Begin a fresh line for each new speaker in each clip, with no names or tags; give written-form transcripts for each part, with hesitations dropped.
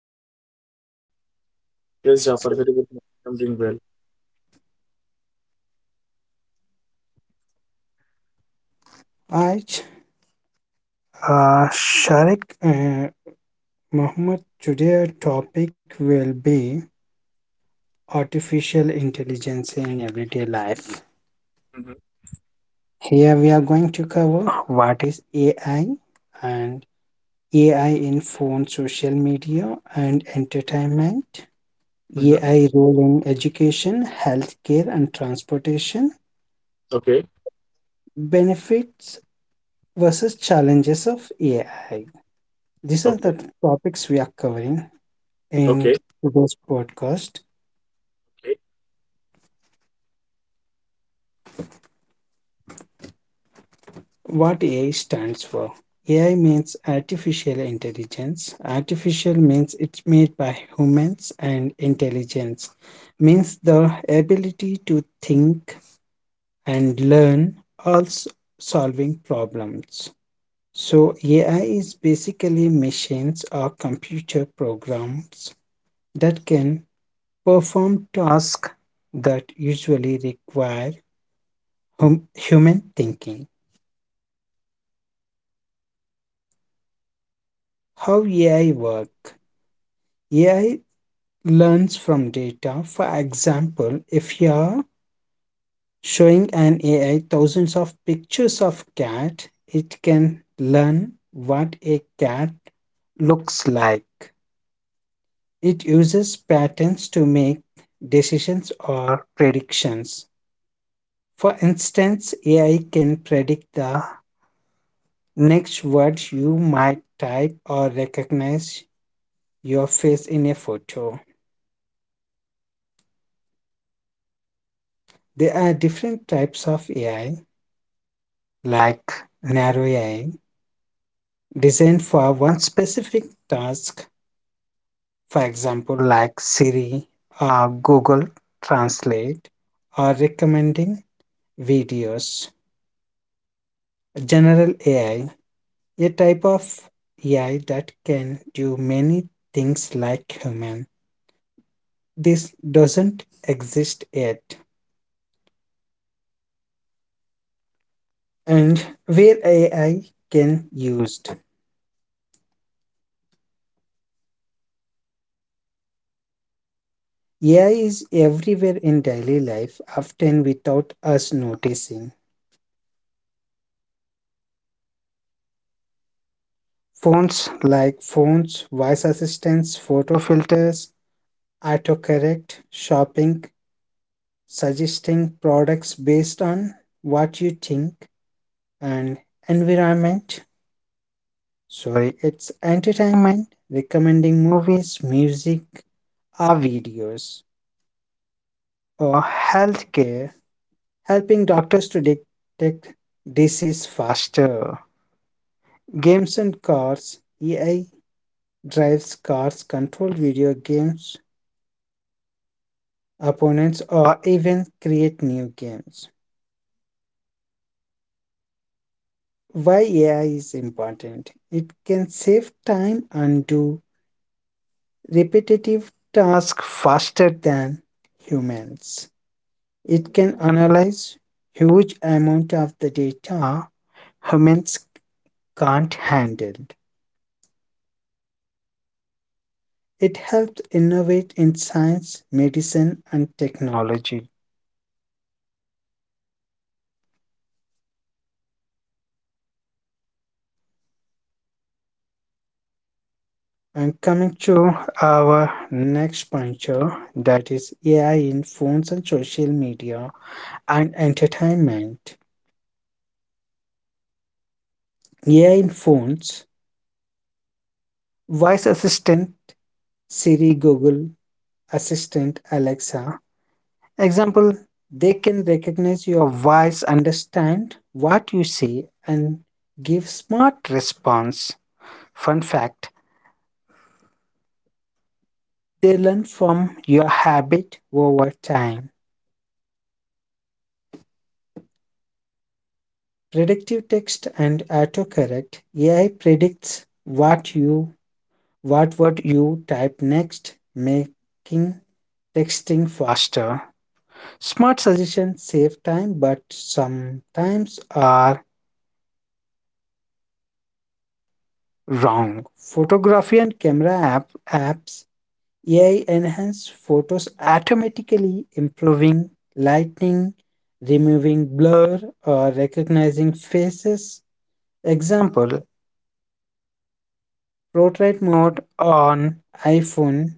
doing well.
Yes, Jafar, very good. I'm doing well.
I, uh, Sharik, uh, Mohammed, today our topic will be artificial intelligence in everyday life.
Mm-hmm.
Here we are going to cover what is AI and AI in phone, social media, and entertainment,
Mm-hmm.
AI role in education, healthcare, and transportation,
Okay.
benefits versus challenges of AI. These are
Okay.
the topics we are covering
Okay.
in today's podcast.
Okay.
What AI stands for. AI means artificial intelligence. Artificial means it's made by humans, and intelligence means the ability to think and learn, also solving problems. So, AI is basically machines or computer programs that can perform tasks that usually require human thinking. How AI work? AI learns from data. For example, if you are showing an AI thousands of pictures of cat, it can learn what a cat looks like. It uses patterns to make decisions or predictions. For instance, AI can predict the next word you might type or recognize your face in a photo. There are different types of AI, like narrow AI, designed for one specific task, for example, like Siri or Google Translate, or recommending videos. General AI, a type of AI that can do many things like human. This doesn't exist yet, and where AI can used, AI is everywhere in daily life, often without us noticing. Phones like phones, voice assistants, photo filters, autocorrect, shopping, suggesting products based on what you think, and environment. Sorry, it's entertainment, recommending movies, music, or videos, or healthcare, helping doctors to detect disease faster. Games and cars, AI drives cars, control video games, opponents, or even create new games. Why AI is important? It can save time and do repetitive tasks faster than humans. It can analyze huge amount of the data humans can't handle. It helps innovate in science, medicine, and technology. And coming to our next puncture, that is AI in phones and social media and entertainment. AI in phones, voice assistant, Siri, Google Assistant, Alexa. Example, they can recognize your voice, understand what you say, and give smart response. Fun fact, they learn from your habit over time. Predictive text and autocorrect. AI predicts what you what you type next, making texting faster. Smart suggestions save time but sometimes are wrong. Photography and camera apps. Ai enhance photos automatically, improving lighting, removing blur, or recognizing faces. Example, portrait mode on iPhone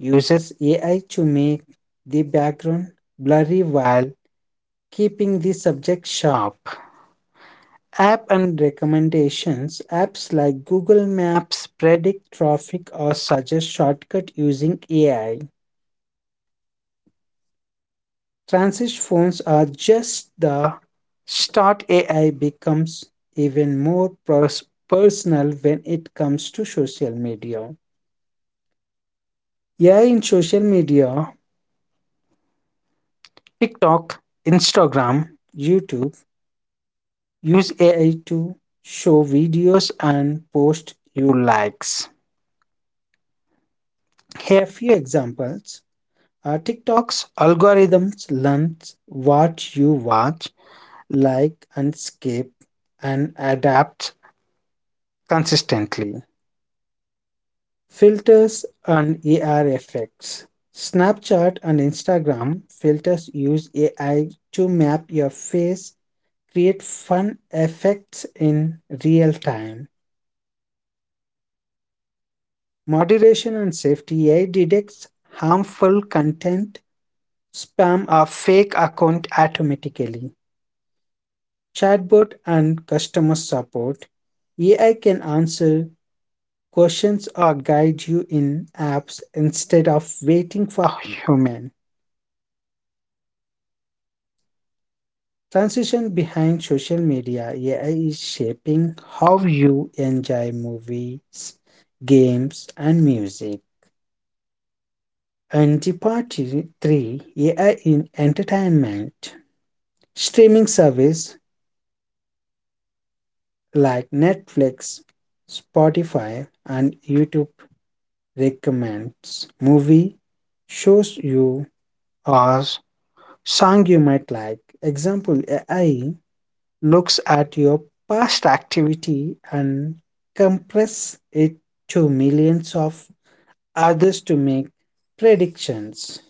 uses AI to make the background blurry while keeping the subject sharp. App and recommendations, apps like Google Maps predict traffic or suggest shortcut using AI. Transit phones are just the start. AI becomes even more personal when it comes to social media. AI in social media, TikTok, Instagram, YouTube use AI to show videos and post you likes. Here are few examples. TikTok's algorithms learns what you watch, like, and skip, and adapt consistently. Filters and AR effects. Snapchat and Instagram filters use AI to map your face, create fun effects in real time. Moderation and safety, AI detects harmful content, spam, or fake account automatically. Chatbot and customer support. AI can answer questions or guide you in apps instead of waiting for human. Transition behind social media, AI is shaping how you enjoy movies, games, and music. Antipathy 3, AI in entertainment. Streaming service like Netflix, Spotify, and YouTube recommends movie shows you or song you might like. Example, AI looks at your past activity and compress it to millions of others to make predictions.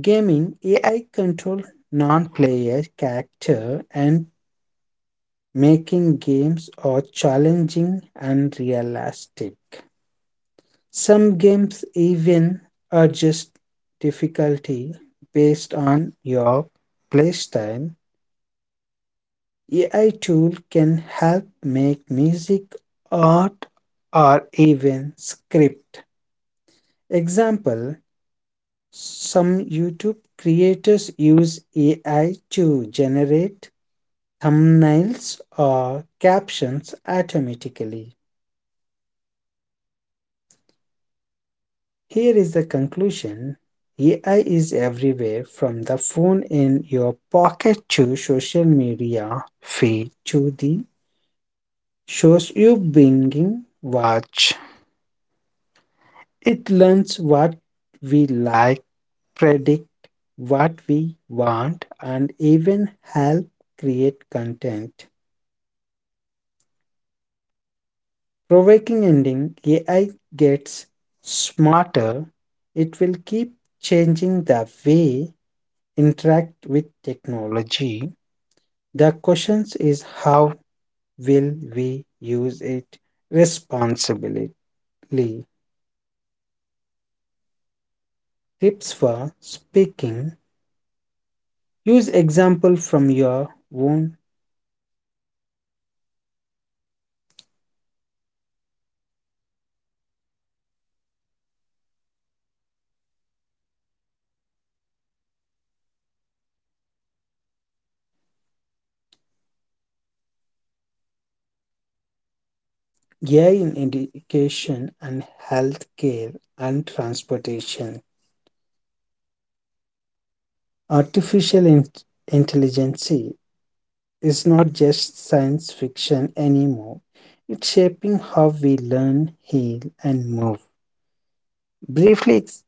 Gaming AI control non-player character and making games are challenging and realistic. Some games even adjust difficulty based on your playstyle. AI tool can help make music, art, or even script. Example, some YouTube creators use AI to generate thumbnails or captions automatically. Here is the conclusion. AI is everywhere, from the phone in your pocket to social media feed to the shows you binging watch. It learns what we like, predict what we want, and even help create content. Provoking ending, AI gets smarter, it will keep changing the way interact with technology. The question is, how will we use it responsibly? Tips for speaking. Use example from your own. AI in education and healthcare and transportation. Artificial intelligence is not just science fiction anymore. It's shaping how we learn, heal, and move. Briefly,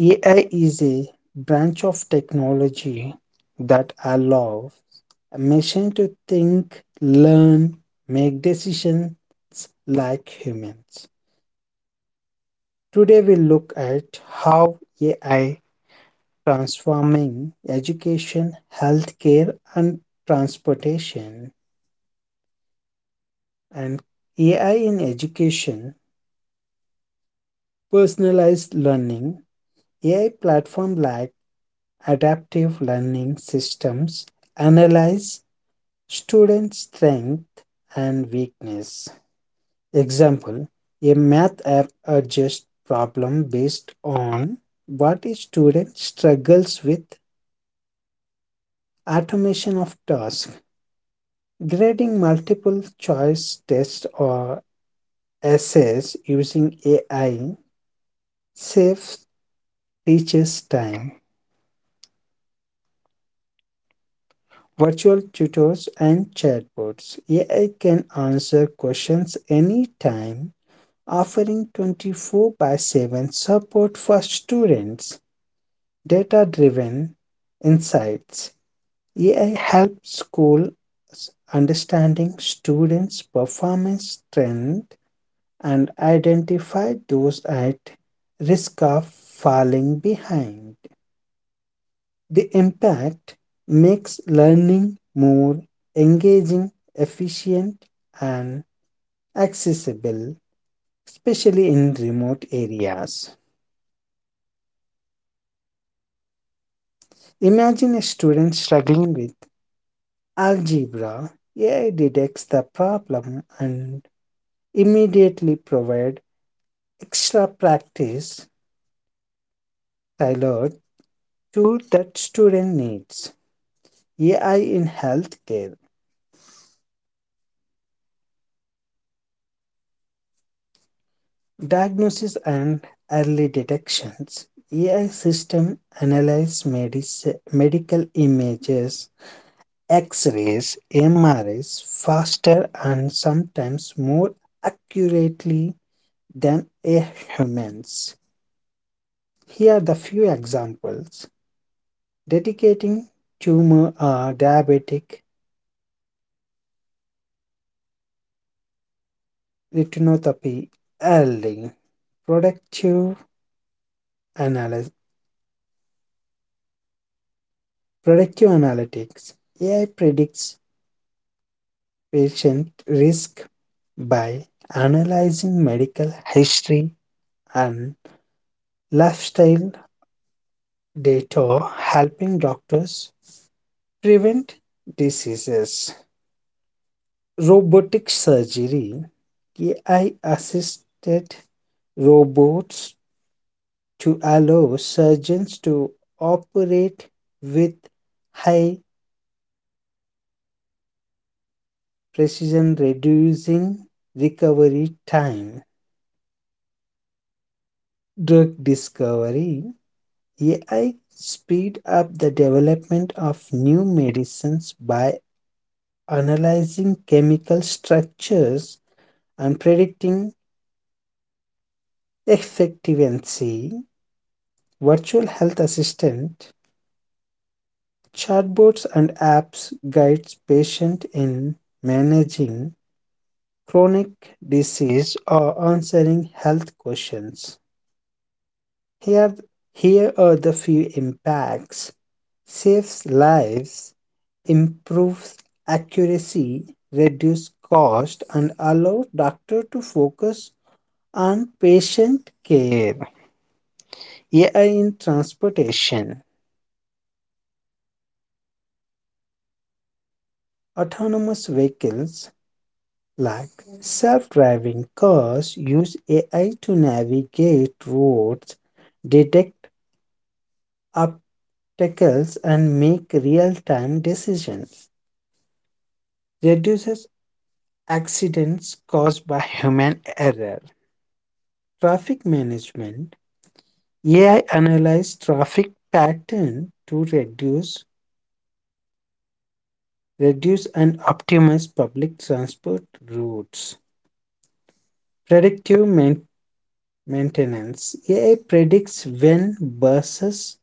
AI is a branch of technology that allows a machine to think, learn, make decisions like humans. Today, we look at how AI transforming education, healthcare, and transportation, and AI in education. Personalized learning. AI platform like adaptive learning systems analyze student strength and weakness. Example, a math app adjusts problem based on what a student struggles with. Automation of tasks. Grading multiple choice tests or essays using AI saves teachers time. Virtual tutors and chatbots. AI can answer questions anytime, offering 24 by 7 support for students. Data driven insights. AI helps schools understanding students' performance trend and identify those at risk of falling behind. The impact makes learning more engaging, efficient, and accessible, especially in remote areas. Imagine a student struggling with algebra. AI detects the problem and immediately provides extra practice tailored to that student needs. AI in healthcare. Diagnosis and early detections. AI system analyze medical images, X-rays, MRIs faster and sometimes more accurately than a humans. Here are the few examples. Dedicating tumor or diabetic retinopathy early. Productive analysis. Productive analytics. AI predicts patient risk by analyzing medical history and lifestyle data, helping doctors prevent diseases. Robotic surgery, AI assisted robots to allow surgeons to operate with high precision, reducing recovery time. Drug discovery, AI speed up the development of new medicines by analyzing chemical structures and predicting efficacy. Virtual health assistant, chatbots and apps guides patient in managing chronic disease or answering health questions. Here, here, are the few impacts. Saves lives, improves accuracy, reduces cost, and allows doctor to focus on patient care. AI in transportation. Autonomous vehicles like self-driving cars use AI to navigate roads, detect obstacles, and make real-time decisions. Reduces accidents caused by human error. Traffic management, AI analyze traffic pattern to reduce and optimize public transport routes. Predictive maintenance. AI predicts when buses,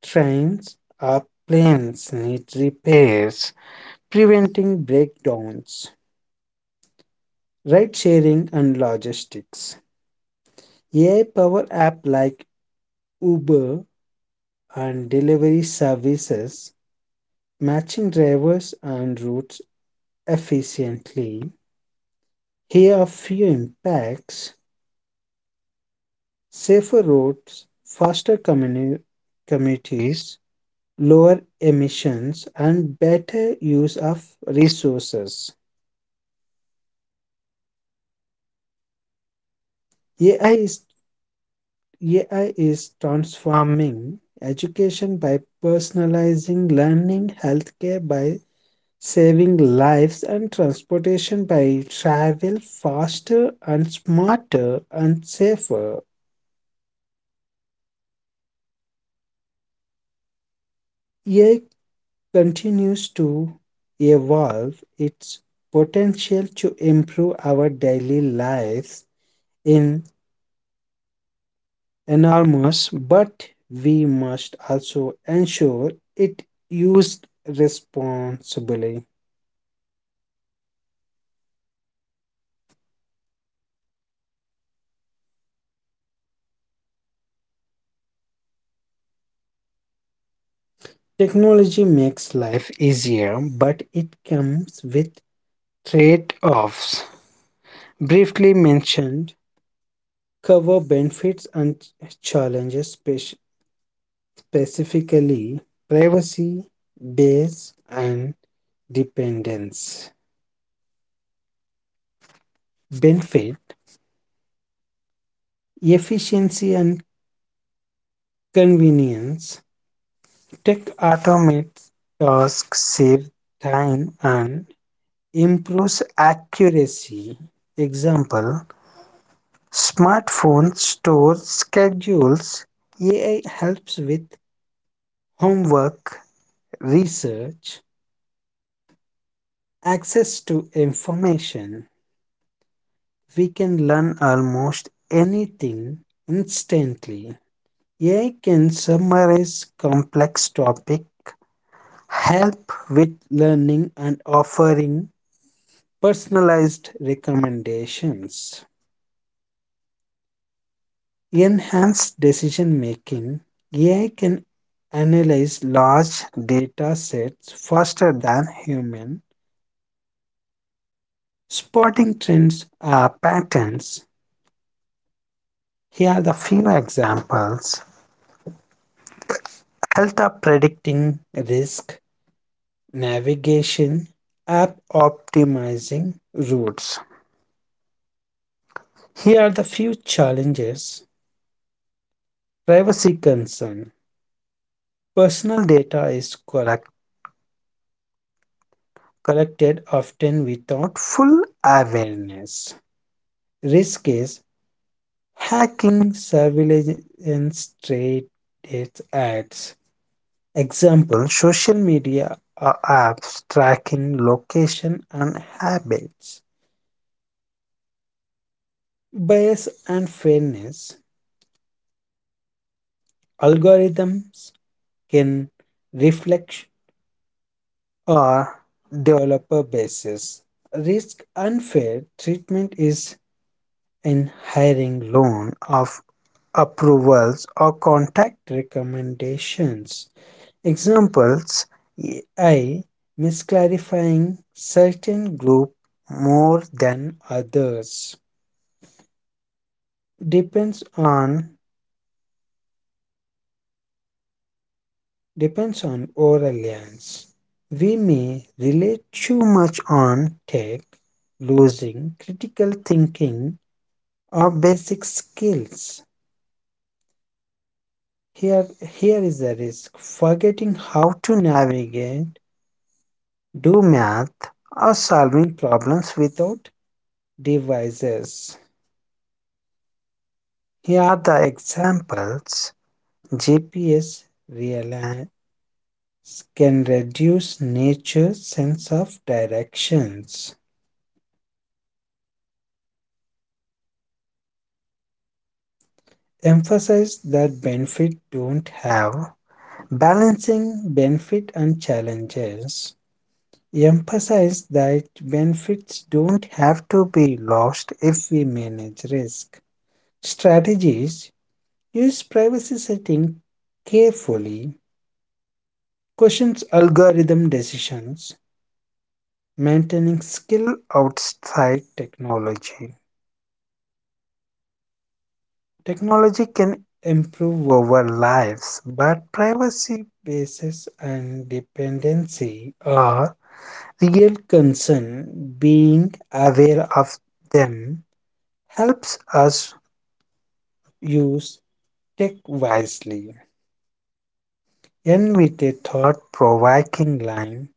trains, or planes need repairs, preventing breakdowns. Ride sharing and logistics. AI power app like Uber and delivery services, matching drivers and routes efficiently. Here are few impacts. Safer roads, faster communities, lower emissions, and better use of resources. AI is, AI is transforming education by personalizing learning, healthcare by saving lives, and transportation by travel faster and smarter and safer. AI continues to evolve its potential to improve our daily lives in enormous, but we must also ensure it used responsibly. Technology makes life easier, but it comes with trade-offs. Briefly mentioned, cover benefits and challenges, specifically privacy, base, and dependence. Benefit, efficiency and convenience. Tech automates tasks, save time, and improves accuracy. Example, smartphone stores schedules. AI helps with homework, research, access to information, we can learn almost anything instantly. AI can summarize complex topic, help with learning and offering personalized recommendations. Enhanced decision making. AI can analyze large data sets faster than human, spotting trends, patterns. Here are the few examples. Health app predicting risk, navigation, app optimizing routes. Here are the few challenges. Privacy concern. Personal data is collected often without full awareness. Risk is hacking, surveillance, trade ads. Example, social media, uh, apps tracking location and habits. Bias and fairness, algorithms can reflect or developer basis, risk unfair treatment is in hiring, loan of approvals, or contact recommendations. Examples, AI misclarifying certain group more than others. Depends on depends on our reliance. We may rely too much on tech, losing critical thinking or basic skills. Here, here, is the risk. Forgetting how to navigate, do math, or solving problems without devices. Here are the examples. GPS reliance can reduce nature's sense of directions. Emphasize that benefit don't have. Balancing benefit and challenges. Emphasize that benefits don't have to be lost if we manage risk. Strategies, use privacy setting carefully, questions algorithm decisions, maintaining skill outside technology. Technology can improve our lives, but privacy basis and dependency are real concern. Being aware of them helps us use tech wisely. End with a thought provoking line.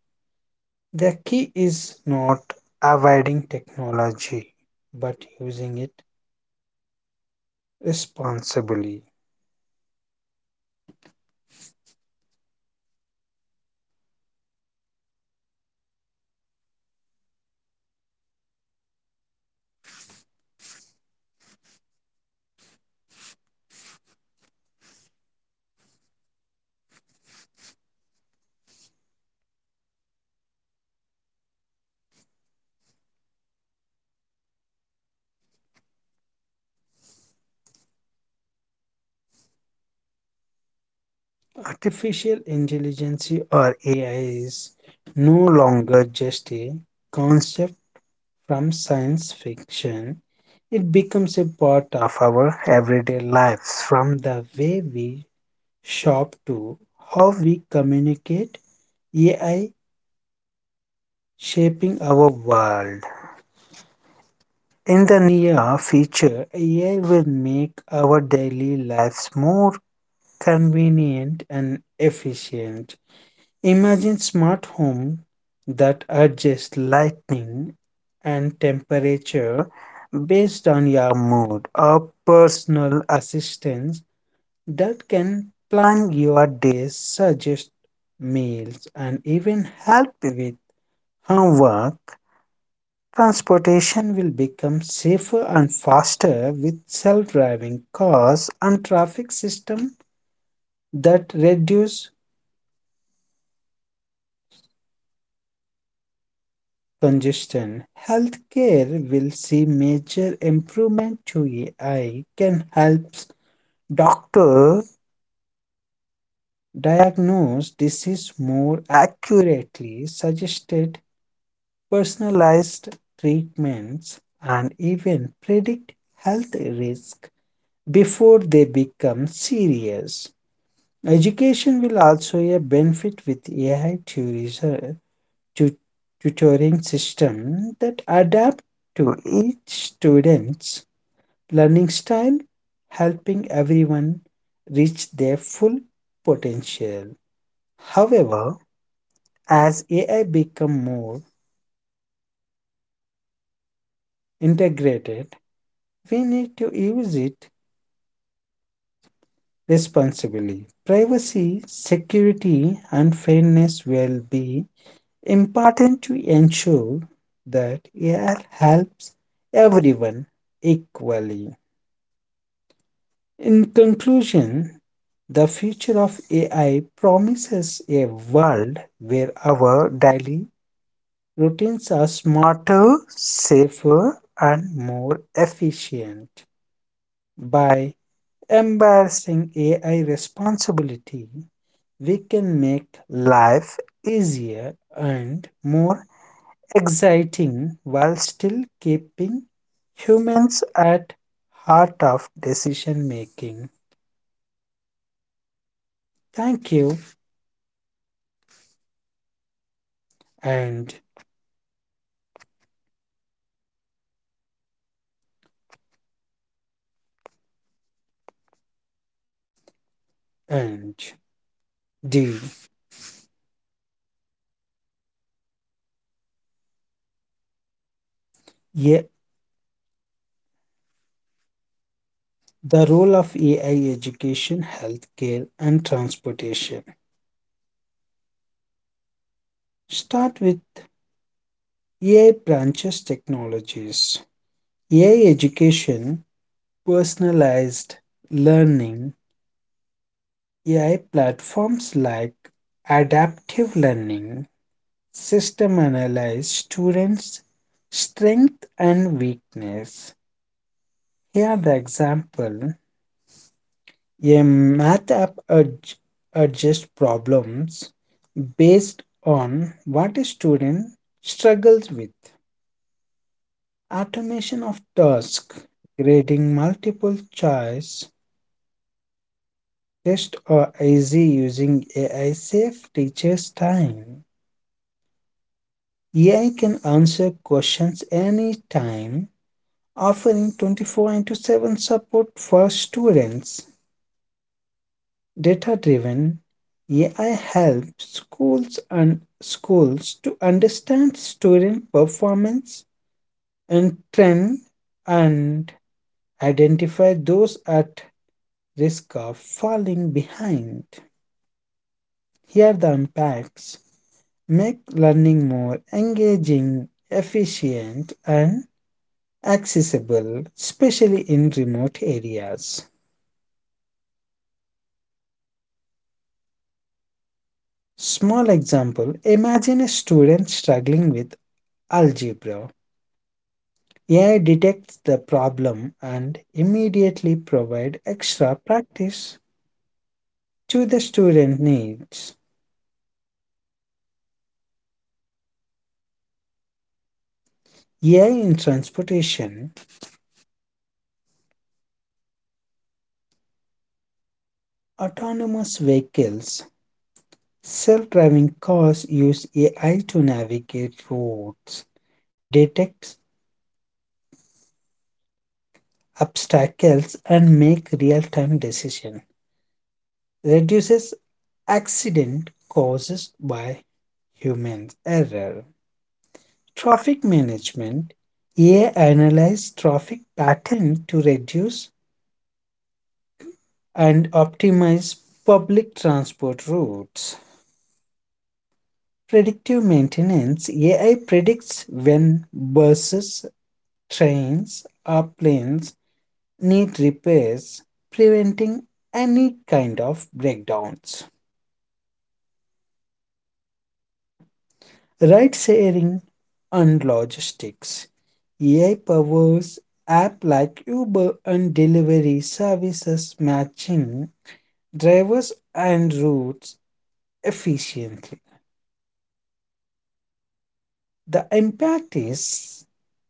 The key is not avoiding technology, but using it responsibly. Artificial intelligence or AI is no longer just a concept from science fiction. It becomes a part of our everyday lives. From the way we shop to how we communicate, AI shaping our world. In the near future, AI will make our daily lives more convenient and efficient. Imagine smart home that adjusts lighting and temperature based on your mood, or personal assistance that can plan your days, suggest meals, and even help with homework. Transportation will become safer and faster with self-driving cars and traffic system that reduce congestion. Healthcare will see major improvement to AI can help doctors diagnose disease more accurately, suggested personalized treatments, and even predict health risk before they become serious. Education will also a benefit with AI tourism tu- tutoring system that adapt to each student's learning style, helping everyone reach their full potential. However, as AI become more integrated, we need to use it responsibly. Privacy, security, and fairness will be important to ensure that AI helps everyone equally. In conclusion, the future of AI promises a world where our daily routines are smarter, safer, and more efficient. By embracing AI responsibility, we can make life easier and more exciting while still keeping humans at heart of decision making. Thank you. And and the Yeah, the role of AI education, healthcare, and transportation. Start with AI branches technologies. AI education, personalized learning, AI platforms like adaptive learning, system analyze students' strength and weakness. Here are the example. A math app adjusts problems based on what a student struggles with. Automation of tasks, grading multiple choice test, or easy using AI save teachers time. AI can answer questions anytime, offering 24 into 7 support for students. Data driven AI helps schools and schools to understand student performance and trend and identify those at risk of falling behind. Here are the impacts, make learning more engaging, efficient and accessible, especially in remote areas. Small example, imagine a student struggling with algebra. AI detects the problem and immediately provide extra practice to the student needs. AI in transportation, autonomous vehicles, self-driving cars use AI to navigate roads, detect obstacles and make real-time decisions. Reduces accident causes by human error. Traffic management, AI analyzes traffic pattern to reduce and optimize public transport routes. Predictive maintenance, AI predicts when buses, trains, or planes need repairs, preventing any kind of breakdowns. Ride sharing and logistics, AI powers app like Uber and delivery services matching drivers and routes efficiently. The impact is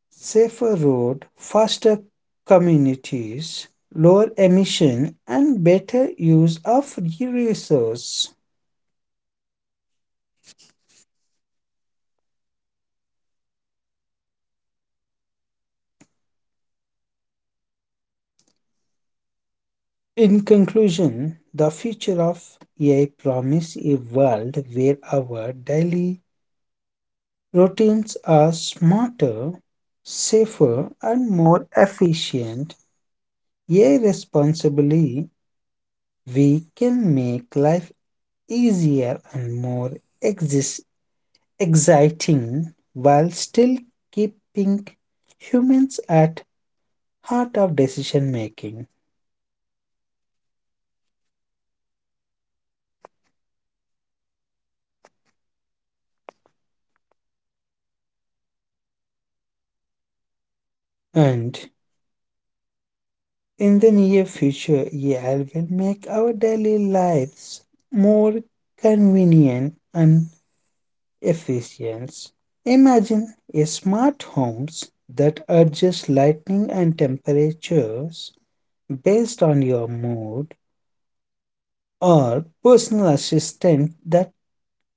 safer road, faster communities, lower emission and better use of resources. In conclusion, the future of AI promises a world where our daily routines are smarter, safer and more efficient. AI responsibly, we can make life easier and more exis- exciting while still keeping humans at heart of decision making. And in the near future, AI will make our daily lives more convenient and efficient. Imagine a smart homes that adjust lighting and temperatures based on your mood, or personal assistant that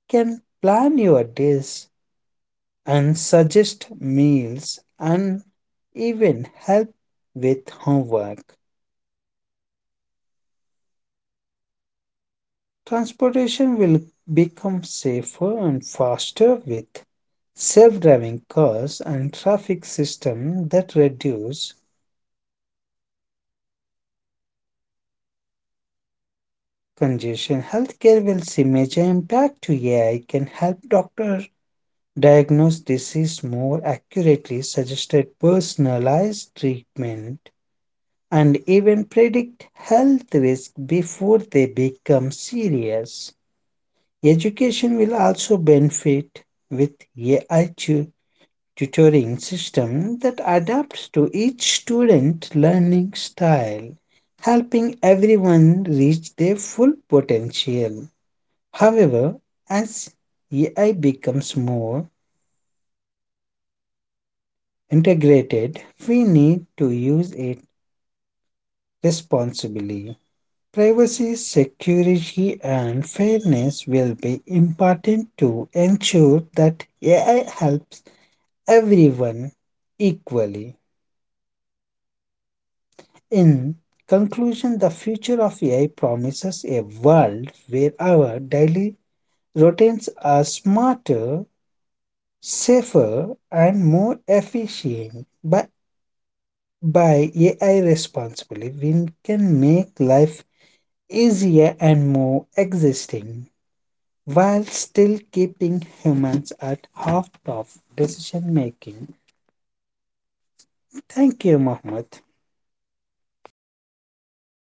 can plan your days and suggest meals and even help with homework. Transportation will become safer and faster with self-driving cars and traffic systems that reduce congestion. Healthcare will see major impact to AI can help doctors diagnose disease more accurately, suggested personalized treatment and even predict health risks before they become serious. Education will also benefit with AI tutoring system that adapts to each student learning style, helping everyone reach their full potential. However, as AI becomes more integrated, we need to use it responsibly. Privacy, security, and fairness will be important to ensure that AI helps everyone equally. In conclusion, the future of AI promises a world where our daily routines are smarter, safer, and more efficient. But by AI responsibly, we can make life easier and more existing. While still keeping humans at half of decision making. Thank you, Mohammed.